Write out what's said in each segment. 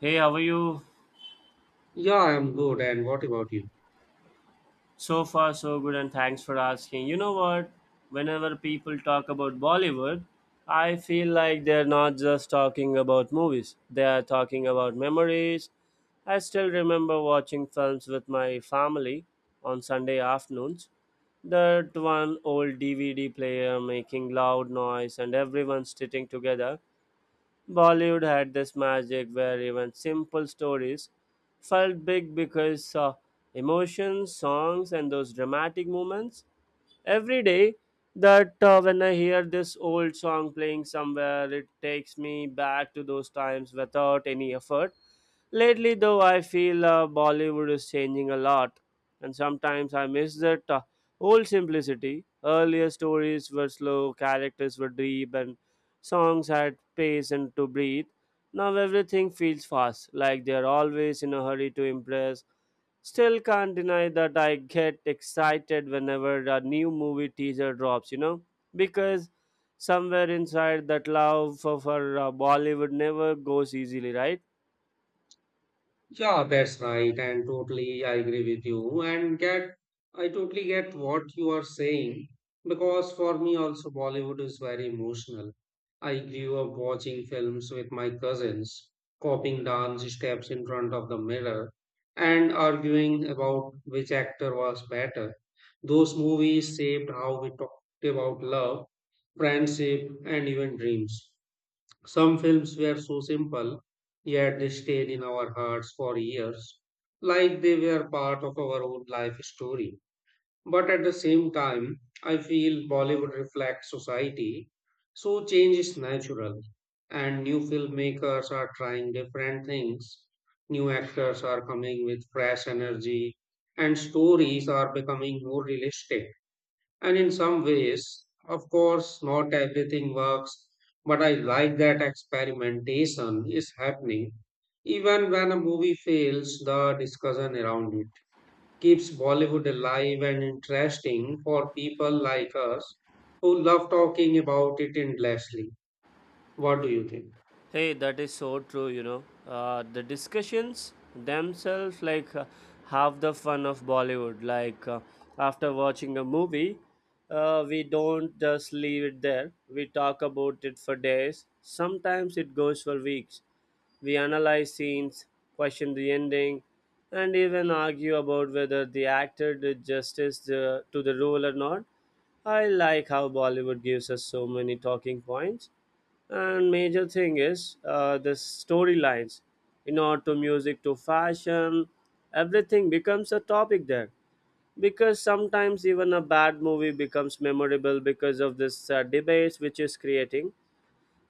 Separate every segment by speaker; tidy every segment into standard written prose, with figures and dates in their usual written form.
Speaker 1: Hey, how are you?
Speaker 2: Yeah, I'm good. And what about you?
Speaker 1: So far, so good, and thanks for asking. You know what? Whenever people talk about Bollywood, I feel like they're not just talking about movies, they are talking about memories. I still remember watching films with my family on Sunday afternoons. That one old DVD player making loud noise and everyone sitting together. Bollywood had this magic where even simple stories felt big because emotions, songs, and those dramatic moments every day. That When I hear this old song playing somewhere, it takes me back to those times without any effort. Lately, though, I feel Bollywood is changing a lot, and sometimes I miss that old simplicity. Earlier stories were slow, characters were deep, and songs had pace and to breathe. Now everything feels fast, like they are always in a hurry to impress. Still can't deny that I get excited whenever a new movie teaser drops, you know, because somewhere inside that love for Bollywood never goes easily, right?
Speaker 2: Yeah, that's right. And totally, I agree with you. I totally get what you are saying because for me also Bollywood is very emotional. I grew up watching films with my cousins, copying dance steps in front of the mirror and arguing about which actor was better. Those movies shaped how we talked about love, friendship, and even dreams. Some films were so simple, yet they stayed in our hearts for years, like they were part of our own life story. But at the same time, I feel Bollywood reflects society, so change is natural, and new filmmakers are trying different things. New actors are coming with fresh energy, and stories are becoming more realistic. And in some ways, of course, not everything works, but I like that experimentation is happening. Even when a movie fails, the discussion around it keeps Bollywood alive and interesting for people like us who love talking about it endlessly. What do you think?
Speaker 1: Hey, that is so true, you know. The discussions themselves, have the fun of Bollywood. After watching a movie, we don't just leave it there. We talk about it for days. Sometimes it goes for weeks. We analyze scenes, question the ending, and even argue about whether the actor did justice to the role or not. I like how Bollywood gives us so many talking points, and major thing is the storylines, in art to music to fashion, everything becomes a topic there because sometimes even a bad movie becomes memorable because of this debates which is creating.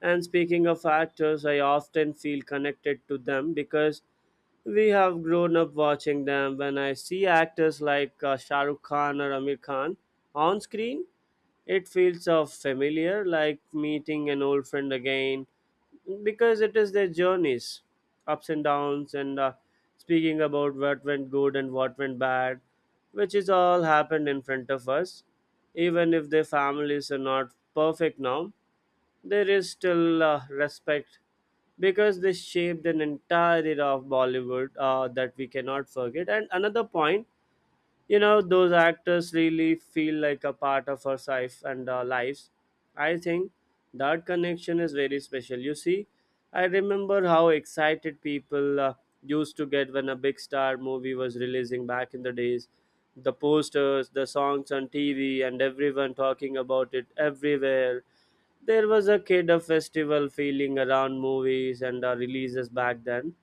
Speaker 1: And speaking of actors, I often feel connected to them because we have grown up watching them. When I see actors like Shah Rukh Khan or Amir Khan on screen, it feels so familiar, like meeting an old friend again, because it is their journeys, ups and downs and speaking about what went good and what went bad, which is all happened in front of us. Even if their families are not perfect now, there is still respect because they shaped an entire era of Bollywood that we cannot forget. And another point, you know, those actors really feel like a part of our life, and our lives, I think, that connection is very special, you see. I remember how excited people used to get when a big star movie was releasing back in the days, the posters, the songs on TV, and everyone talking about it everywhere. There was a kid of festival feeling around movies and releases back then.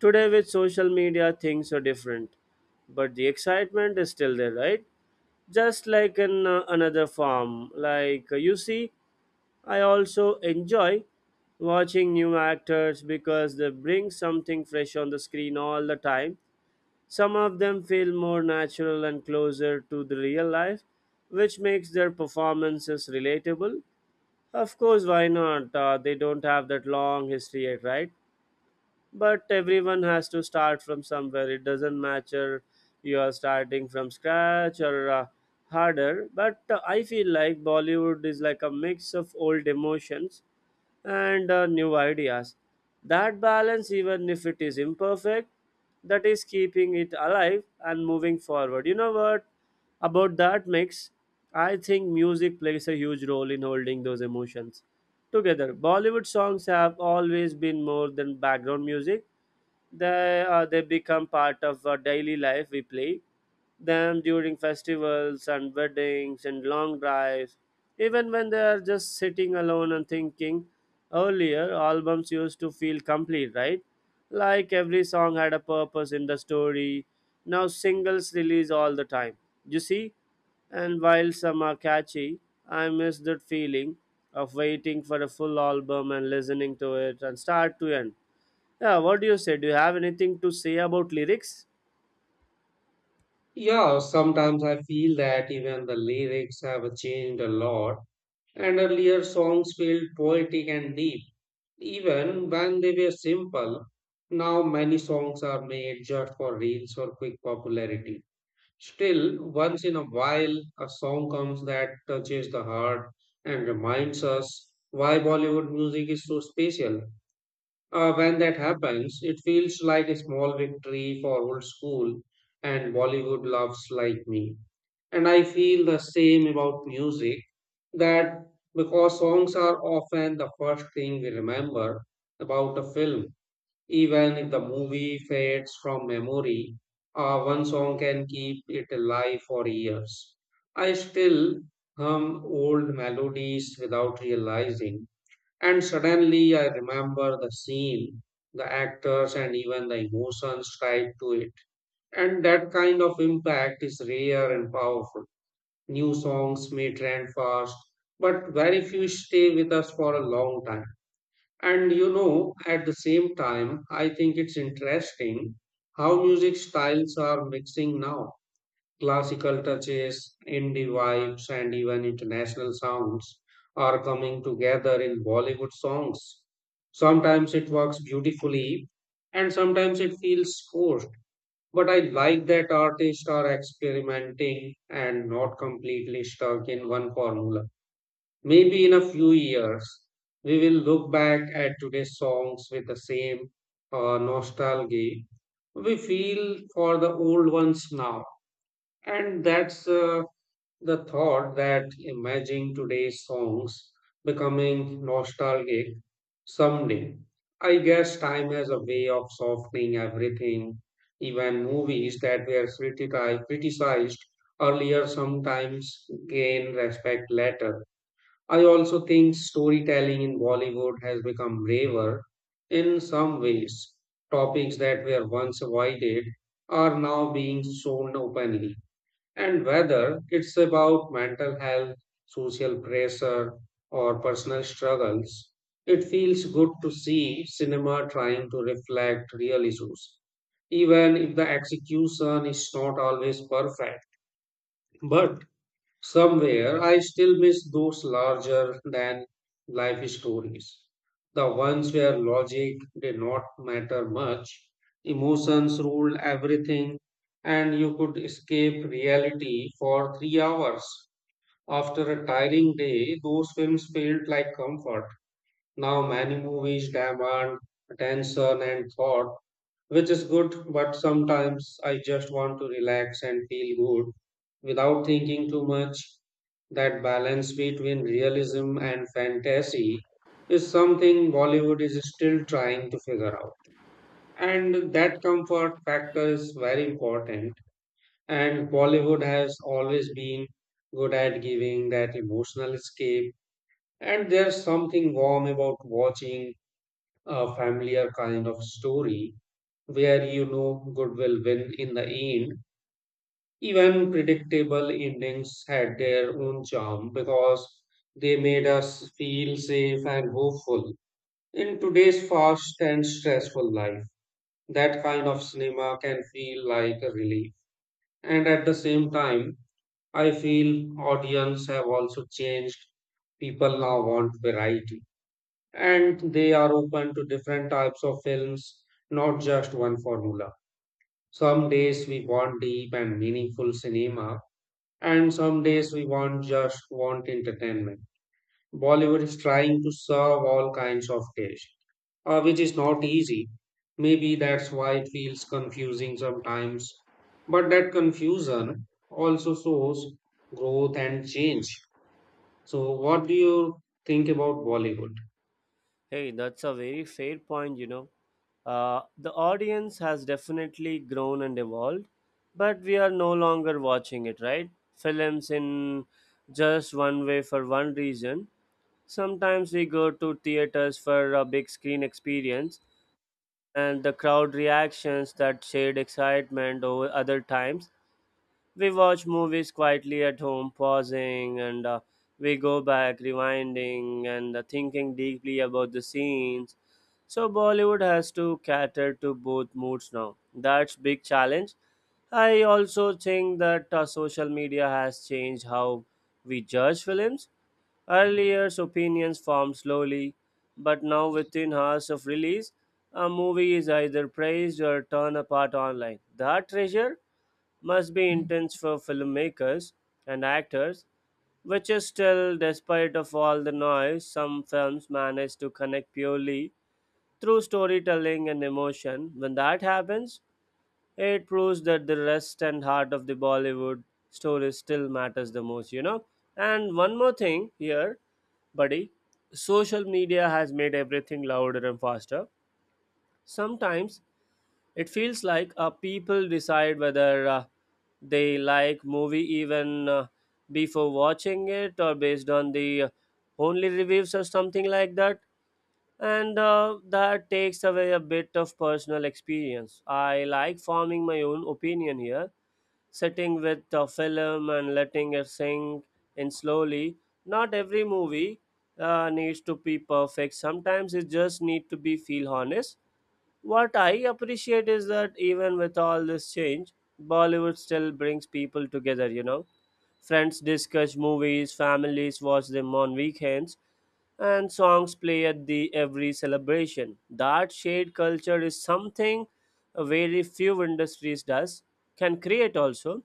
Speaker 1: Today, with social media, things are different, but the excitement is still there, right? Just like in another farm. You see, I also enjoy watching new actors because they bring something fresh on the screen all the time. Some of them feel more natural and closer to the real life, which makes their performances relatable. Of course, why not? They don't have that long history yet, right? But everyone has to start from somewhere. It doesn't matter you are starting from scratch or harder, but I feel like Bollywood is like a mix of old emotions and new ideas. That balance, even if it is imperfect, that is keeping it alive and moving forward. You know what? About that mix, I think music plays a huge role in holding those emotions together. Bollywood songs have always been more than background music, they become part of our daily life. We play them during festivals and weddings and long drives, even when they are just sitting alone and thinking. Earlier albums used to feel complete, right? Like every song had a purpose in the story. Now singles release all the time, you see, and while some are catchy, I miss that feeling of waiting for a full album and listening to it and start to end. Yeah, what do you say? Do you have anything to say about lyrics?
Speaker 2: Yeah, sometimes I feel that even the lyrics have changed a lot. And earlier songs felt poetic and deep, even when they were simple. Now many songs are made just for reels or quick popularity. Still, once in a while, a song comes that touches the heart and reminds us why Bollywood music is so special. When that happens, it feels like a small victory for old school and Bollywood loves like me. And I feel the same about music that because songs are often the first thing we remember about a film, even if the movie fades from memory, one song can keep it alive for years. I still hum old melodies without realizing, and suddenly I remember the scene, the actors, and even the emotions tied to it. And that kind of impact is rare and powerful. New songs may trend fast, but very few stay with us for a long time. And you know, at the same time, I think it's interesting how music styles are mixing now. Classical touches, indie vibes, and even international sounds are coming together in Bollywood songs. Sometimes it works beautifully, and sometimes it feels forced. But I like that artists are experimenting and not completely stuck in one formula. Maybe in a few years, we will look back at today's songs with the same nostalgia we feel for the old ones now. And that's the thought that imagining today's songs becoming nostalgic someday. I guess time has a way of softening everything. Even movies that were criticized earlier sometimes gain respect later. I also think storytelling in Bollywood has become braver in some ways. Topics that were once avoided are now being shown openly and whether it's about mental health, social pressure, or personal struggles, it feels good to see cinema trying to reflect real issues, even if the execution is not always perfect. But somewhere I still miss those larger than life stories. The ones where logic did not matter much, emotions ruled everything, and you could escape reality for 3 hours. After a tiring day, those films felt like comfort. Now, many movies demand attention and thought, which is good, but sometimes I just want to relax and feel good without thinking too much. That balance between realism and fantasy is something Bollywood is still trying to figure out. And that comfort factor is very important. And Bollywood has always been good at giving that emotional escape. And there's something warm about watching a familiar kind of story where you know good will win in the end. Even predictable endings had their own charm because they made us feel safe and hopeful. In today's fast and stressful life, that kind of cinema can feel like a relief. And at the same time, I feel audience have also changed. People now want variety and they are open to different types of films, not just one formula. Some days we want deep and meaningful cinema, and some days we want just want entertainment. Bollywood is trying to serve all kinds of taste, which is not easy. Maybe that's why it feels confusing sometimes. But that confusion also shows growth and change. So, what do you think about Bollywood?
Speaker 1: Hey, that's a very fair point, you know. The audience has definitely grown and evolved, but we are no longer watching it, right? Films in just one way for one reason. Sometimes we go to theaters for a big screen experience, and the crowd reactions that shade excitement over other times. We watch movies quietly at home, pausing, and we go back, rewinding, and thinking deeply about the scenes. So Bollywood has to cater to both moods now. That's big challenge. I also think that social media has changed how we judge films. Earlier, opinions formed slowly, but now within hours of release, a movie is either praised or torn apart online. That treasure must be intense for filmmakers and actors, which is still, despite of all the noise, some films manage to connect purely through storytelling and emotion. When that happens, it proves that the rest and heart of the Bollywood story still matters the most, you know. And one more thing here, buddy, social media has made everything louder and faster. Sometimes it feels like people decide whether they like movie even before watching it or based on the only reviews or something like that. And that takes away a bit of personal experience. I like forming my own opinion here, sitting with a film and letting it sink in slowly. Not every movie needs to be perfect. Sometimes it just need to be feel honest. What I appreciate is that even with all this change, Bollywood still brings people together, you know. Friends discuss movies, families watch them on weekends, and songs play at the every celebration. That shared culture is something very few industries does can create also.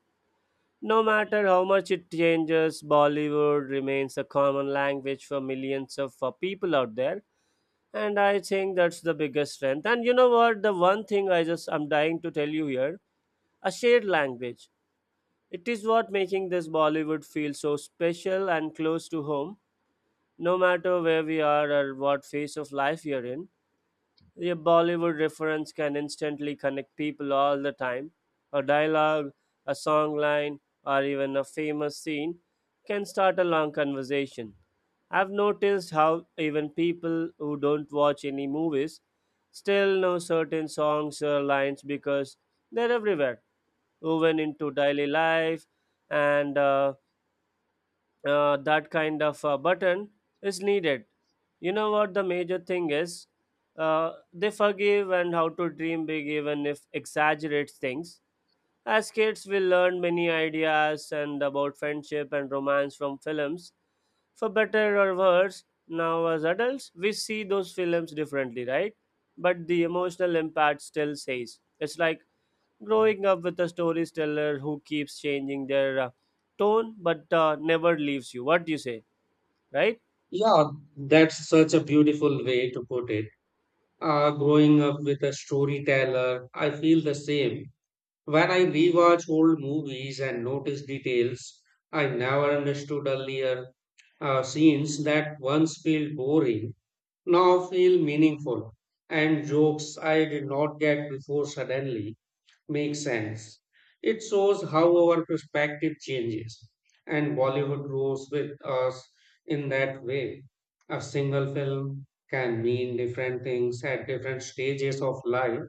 Speaker 1: No matter how much it changes, Bollywood remains a common language for millions of people out there, and I think that's the biggest strength. And you know what, the one thing I'm dying to tell you here, a shared language, it is what making this Bollywood feel so special and close to home. No matter where we are or what phase of life you are in, a Bollywood reference can instantly connect people all the time. A dialogue, a song line, or even a famous scene can start a long conversation. I've noticed how even people who don't watch any movies still know certain songs or lines because they're everywhere, woven into daily life, and that kind of button is needed. You know what the major thing is? They forgive and how to dream big, even if exaggerate things. As kids, we learn many ideas and about friendship and romance from films, for better or worse. Now as adults, we see those films differently, right? But the emotional impact still stays. It's like growing up with a storyteller who keeps changing their tone but never leaves you. What do you say, right?
Speaker 2: Yeah, that's such a beautiful way to put it. Growing up with a storyteller, I feel the same. When I rewatch old movies and notice details I never understood earlier, scenes that once felt boring now feel meaningful, and jokes I did not get before suddenly make sense. It shows how our perspective changes, and Bollywood grows with us in that way. A single film can mean different things at different stages of life.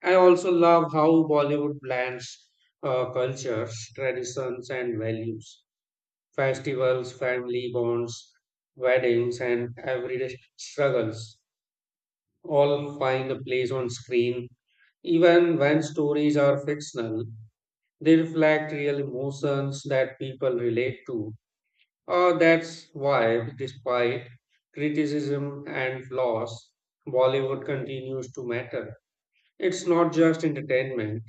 Speaker 2: I also love how Bollywood blends cultures, traditions, and values. Festivals, family bonds, weddings, and everyday struggles all find a place on screen. Even when stories are fictional, they reflect real emotions that people relate to. That's why, despite criticism and flaws, Bollywood continues to matter. It's not just entertainment,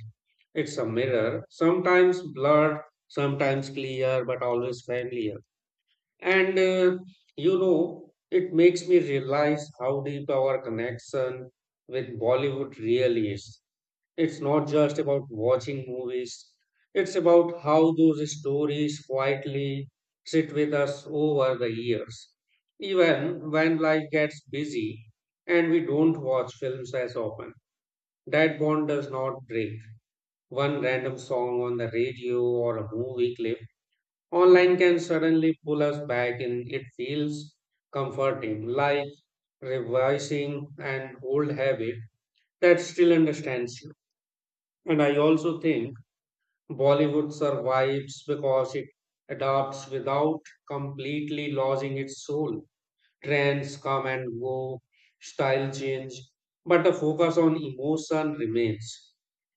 Speaker 2: it's a mirror, sometimes blurred, sometimes clear, but always familiar. And it makes me realize how deep our connection with Bollywood really is. It's not just about watching movies, it's about how those stories quietly sit with us over the years. Even when life gets busy and we don't watch films as often, that bond does not break. One random song on the radio or a movie clip online can suddenly pull us back in. It feels comforting, like revising an old habit that still understands you. And I also think Bollywood survives because it adapts without completely losing its soul. Trends come and go, style change, but the focus on emotion remains.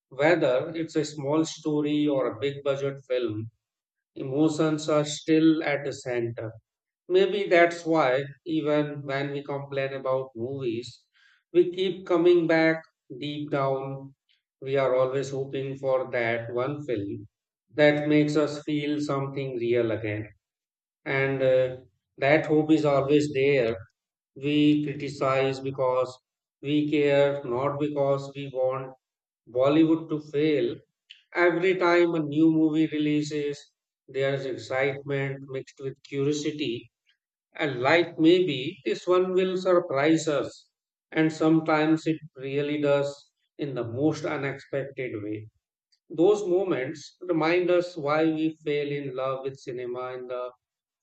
Speaker 2: Whether it's a small story or a big budget film, emotions are still at the center. Maybe that's why, even when we complain about movies, we keep coming back deep down. We are always hoping for that one film that makes us feel something real again. And that hope is always there, we criticize because we care, not because we want Bollywood to fail. Every time a new movie releases, there's excitement mixed with curiosity, and like maybe this one will surprise us. And sometimes it really does in the most unexpected way. Those moments remind us why we fell in love with cinema in the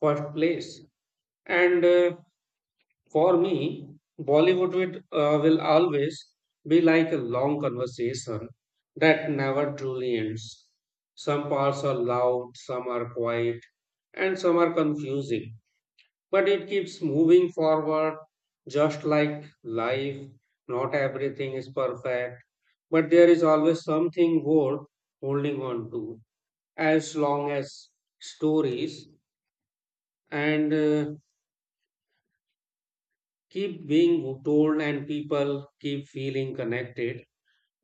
Speaker 2: first place. And for me, Bollywood will always be like a long conversation that never truly ends. Some parts are loud, some are quiet, and some are confusing. But it keeps moving forward, just like life. Not everything is perfect, but there is always something worth holding on to as long as stories and keep being told and people keep feeling connected,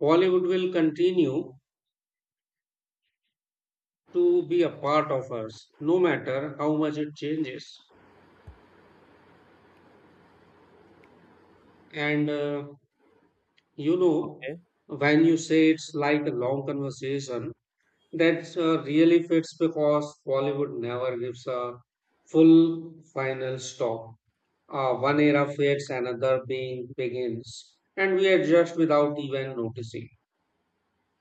Speaker 2: Bollywood will continue to be a part of us, no matter how much it changes. And you know,
Speaker 1: Okay.
Speaker 2: when you say it's like a long conversation, that really fits because Bollywood never gives a full final stop. One era fades, another being begins, and we adjust without even noticing.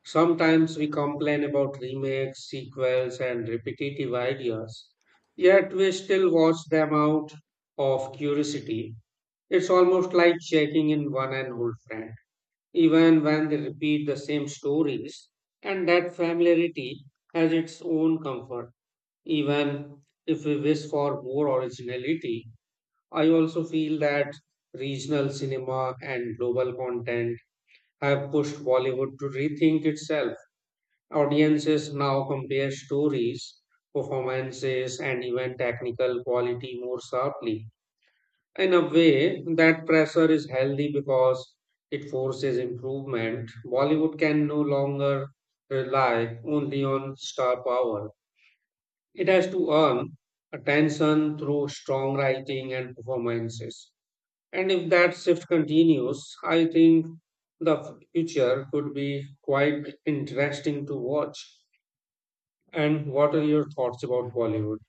Speaker 2: Sometimes we complain about remakes, sequels, and repetitive ideas, yet we still watch them out of curiosity. It's almost like checking in one an old friend, even when they repeat the same stories, and that familiarity has its own comfort. Even if we wish for more originality, I also feel that regional cinema and global content have pushed Bollywood to rethink itself. Audiences now compare stories, performances, and even technical quality more sharply. In a way, that pressure is healthy because it forces improvement. Bollywood can no longer rely only on star power, it has to earn attention through strong writing and performances. And if that shift continues, I think the future could be quite interesting to watch. And what are your thoughts about Bollywood?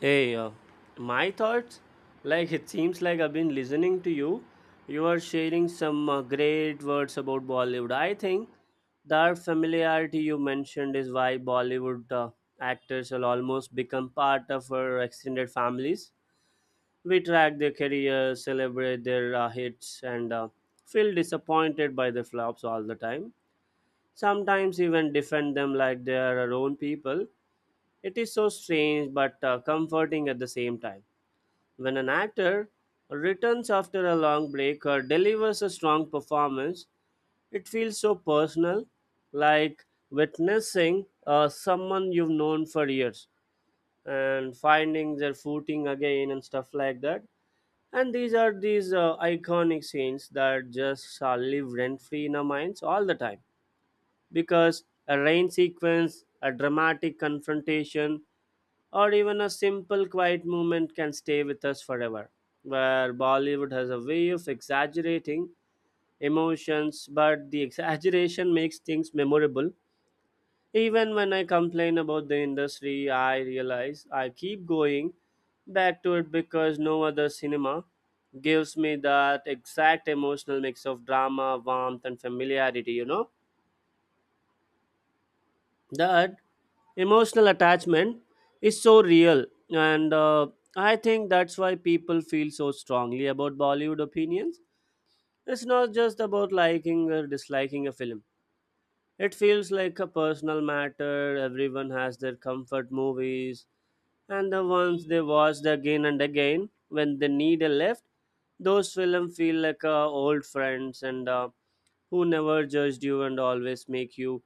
Speaker 1: Hey, my thoughts? Like, it seems like I've been listening to you. You are sharing some great words about Bollywood. I think that familiarity you mentioned is why Bollywood actors will almost become part of our extended families. We track their careers, celebrate their hits, and feel disappointed by their flops all the time. Sometimes even defend them like they are our own people. It is so strange but comforting at the same time. When an actor returns after a long break or delivers a strong performance, it feels so personal, like witnessing someone you've known for years and finding their footing again and stuff like that. And these are these iconic scenes that just live rent free in our minds all the time, because a rain sequence, a dramatic confrontation, or even a simple quiet moment can stay with us forever. Where Bollywood has a way of exaggerating emotions, but the exaggeration makes things memorable. Even when I complain about the industry, I realize I keep going back to it because no other cinema gives me that exact emotional mix of drama, warmth, and familiarity, you know. That emotional attachment is so real, and I think that's why people feel so strongly about Bollywood opinions. It's not just about liking or disliking a film, it feels like a personal matter. Everyone has their comfort movies and the ones they watched again and again when they need a lift. Those films feel like old friends and who never judged you and always make you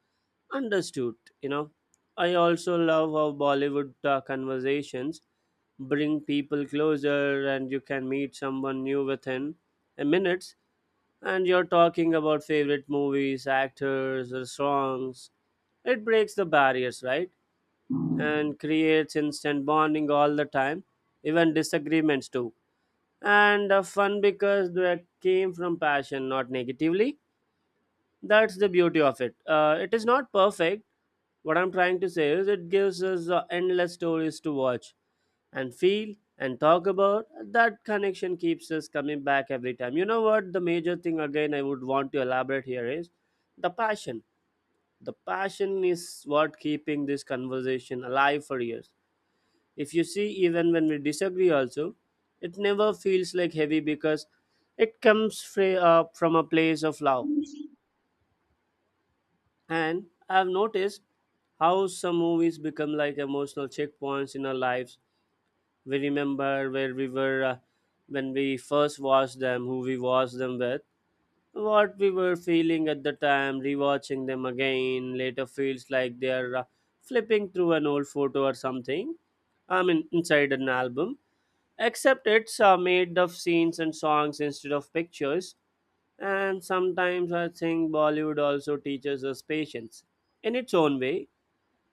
Speaker 1: understood. You know, I also love how Bollywood conversations bring people closer, and you can meet someone new within a minutes and you're talking about favorite movies, actors or songs. It breaks the barriers, right? And creates instant bonding all the time, even disagreements too. And fun because they came from passion, not negatively. That's the beauty of it. It is not perfect. What I'm trying to say is, it gives us endless stories to watch and feel and talk about. That connection keeps us coming back every time. You know what? The major thing, again, I would want to elaborate here is the passion. The passion is what keeping this conversation alive for years. If you see, even when we disagree, also, it never feels like heavy because it comes from a place of love. And I've noticed how some movies become like emotional checkpoints in our lives. We remember where we were when we first watched them, who we watched them with, what we were feeling at the time. Rewatching them again later feels like they are flipping through an old photo or something. I mean, inside an album. Except it's made of scenes and songs instead of pictures. And sometimes I think Bollywood also teaches us patience. In its own way,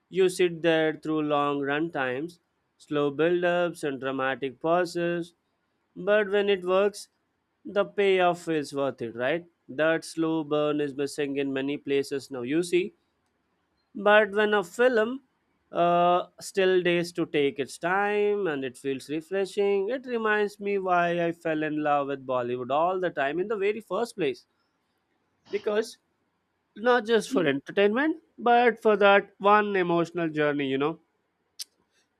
Speaker 1: you sit there through long run times, slow build ups, and dramatic pauses. But when it works, the payoff is worth it, right? That slow burn is missing in many places now, you see. But when a film still days to take its time and it feels refreshing, it reminds me why I fell in love with Bollywood all the time in the very first place. Because not just for entertainment but for that one emotional journey, you know,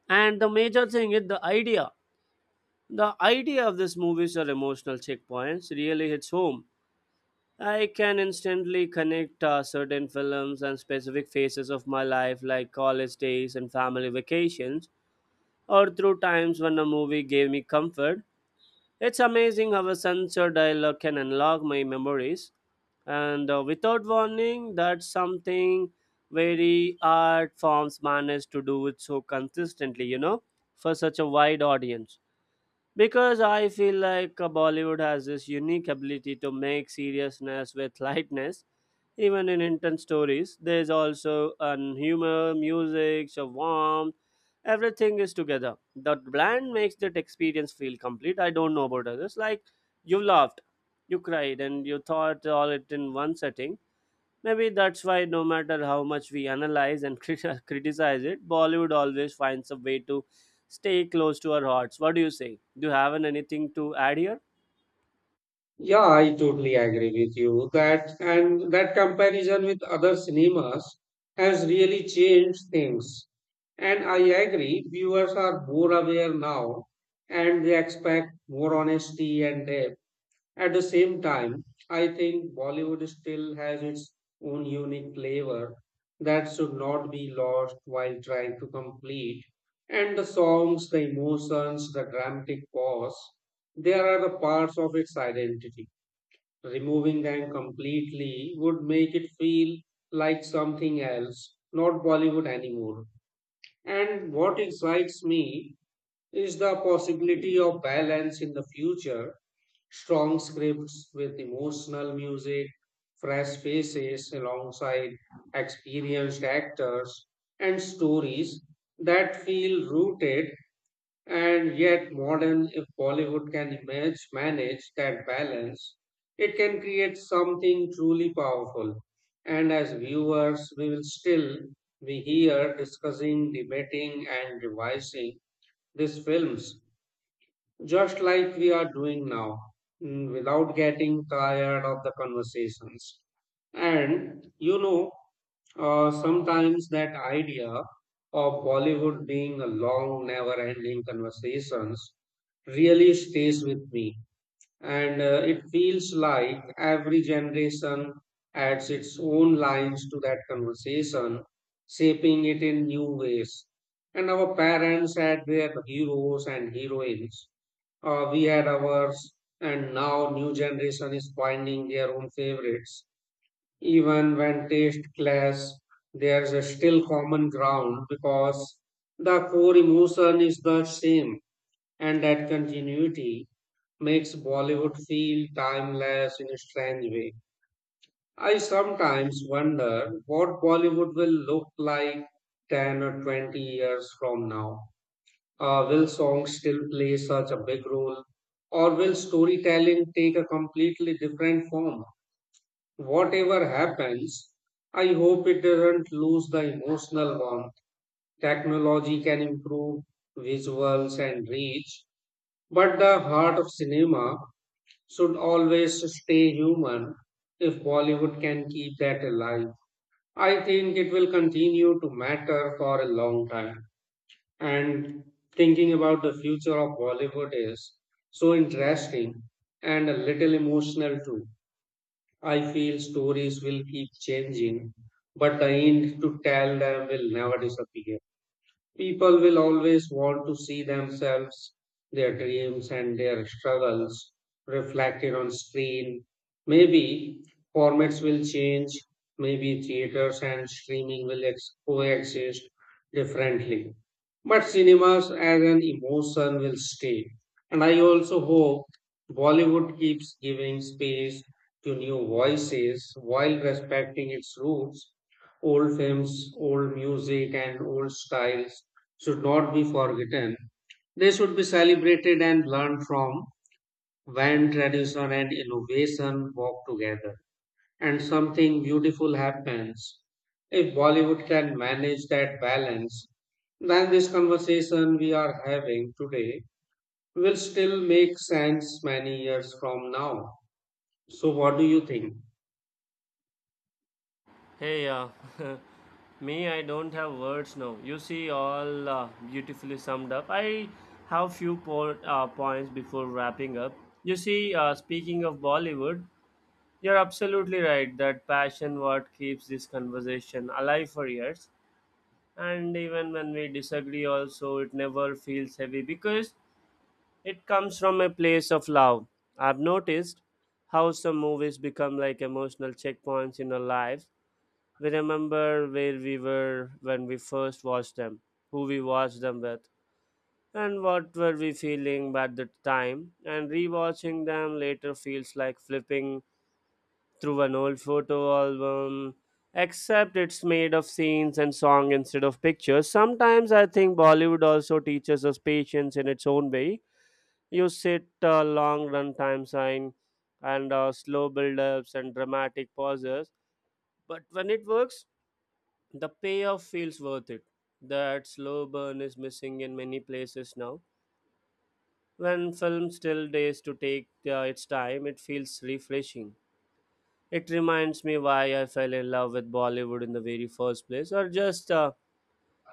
Speaker 1: and the major thing is the idea of this movies or emotional checkpoints really hits home. I can instantly connect certain films and specific phases of my life, like college days and family vacations, or through times when a movie gave me comfort. It's amazing how a sensor dialer can unlock my memories, and without warning, that's something very art forms manage to do it so consistently, you know, for such a wide audience. Because I feel like Bollywood has this unique ability to make seriousness with lightness. Even in intense stories, there's also an humor, music, a warmth. Everything is together. The blend makes that experience feel complete. I don't know about others. Like, you laughed, you cried, and you thought all it in one setting. Maybe that's why, no matter how much we analyze and criticize it, Bollywood always finds a way to stay close to our hearts. What do you say? Do you have anything to add here?
Speaker 2: Yeah, I totally agree with you that and that comparison with other cinemas has really changed things. And I agree, viewers are more aware now and they expect more honesty and depth. At the same time, I think Bollywood still has its own unique flavor that should not be lost while trying to complete. And the songs, the emotions, the dramatic pause, they are the parts of its identity. Removing them completely would make it feel like something else, not Bollywood anymore. And what excites me is the possibility of balance in the future? Strong scripts with emotional music, fresh faces alongside experienced actors, and stories that feel rooted and yet modern. If Bollywood can manage that balance, it can create something truly powerful. And as viewers, we will still be here discussing, debating, and revising these films just like we are doing now, without getting tired of the conversations. And you know, sometimes that idea of Bollywood being a long, never ending conversations really stays with me and it feels like every generation adds its own lines to that conversation, shaping it in new ways. And our parents had their heroes and heroines. We had ours, and now new generation is finding their own favorites. Even when taste clash, there's a still common ground because the core emotion is the same and that continuity makes Bollywood feel timeless in a strange way. I sometimes wonder what Bollywood will look like 10 or 20 years from now. Will songs still play such a big role? Or will storytelling take a completely different form? Whatever happens, I hope it doesn't lose the emotional warmth. Technology can improve visuals and reach, but the heart of cinema should always stay human. If Bollywood can keep that alive, I think it will continue to matter for a long time. And thinking about the future of Bollywood is so interesting and a little emotional too. I feel stories will keep changing, but the end to tell them will never disappear. People will always want to see themselves, their dreams, and their struggles reflected on screen. Maybe formats will change, maybe theaters and streaming will coexist differently. But cinemas as an emotion will stay. And I also hope Bollywood keeps giving space to new voices while respecting its roots. Old films, old music, and old styles should not be forgotten. They should be celebrated and learned from when tradition and innovation walk together and something beautiful happens. If Bollywood can manage that balance, then this conversation we are having today will still make sense many years from now. So, what do you think?
Speaker 1: Hey, me, I don't have words now. You see, all beautifully summed up. I have few points before wrapping up. You see, speaking of Bollywood, you're absolutely right that passion what keeps this conversation alive for years. And even when we disagree, also it never feels heavy because it comes from a place of love. I've noticed how some movies become like emotional checkpoints in our lives. We remember where we were when we first watched them, who we watched them with, and what were we feeling at the time. And rewatching them later feels like flipping through an old photo album, except it's made of scenes and song instead of pictures. Sometimes I think Bollywood also teaches us patience in its own way. You sit a long run time sign and slow build ups and dramatic pauses. But when it works, the payoff feels worth it. That slow burn is missing in many places now. When film still days to take its time, it feels refreshing. It reminds me why I fell in love with Bollywood in the very first place, or just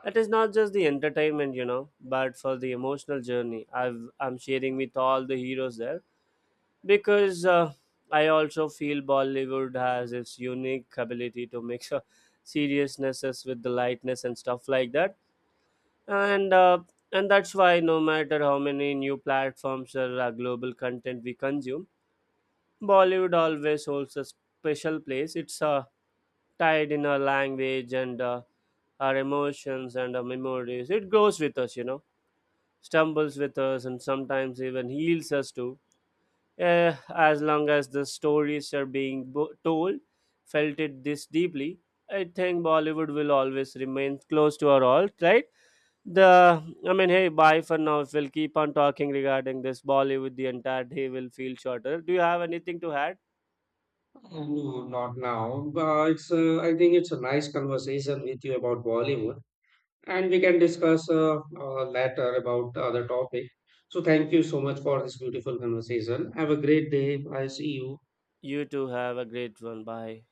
Speaker 1: it is not just the entertainment, you know, but for the emotional journey I'm sharing with all the heroes there, because I also feel Bollywood has its unique ability to mix seriousnesses with the lightness and stuff like that, and uh, and that's why no matter how many new platforms or global content we consume, bollywood always holds a special place. It's tied in our language, and our emotions and our memories. It grows with us, you know, stumbles with us, and sometimes even heals us too. Eh, as long as the stories are being told, felt it this deeply, I think Bollywood will always remain close to our all, right? The I mean, hey, bye for now. If we'll keep on talking regarding this Bollywood, the entire day will feel shorter. Do you have anything to add?
Speaker 2: No, not now. But I think it's a nice conversation with you about Bollywood, and we can discuss later about the other topic. So thank you so much for this beautiful conversation. Have a great day. I see you.
Speaker 1: You too have a great one. Bye.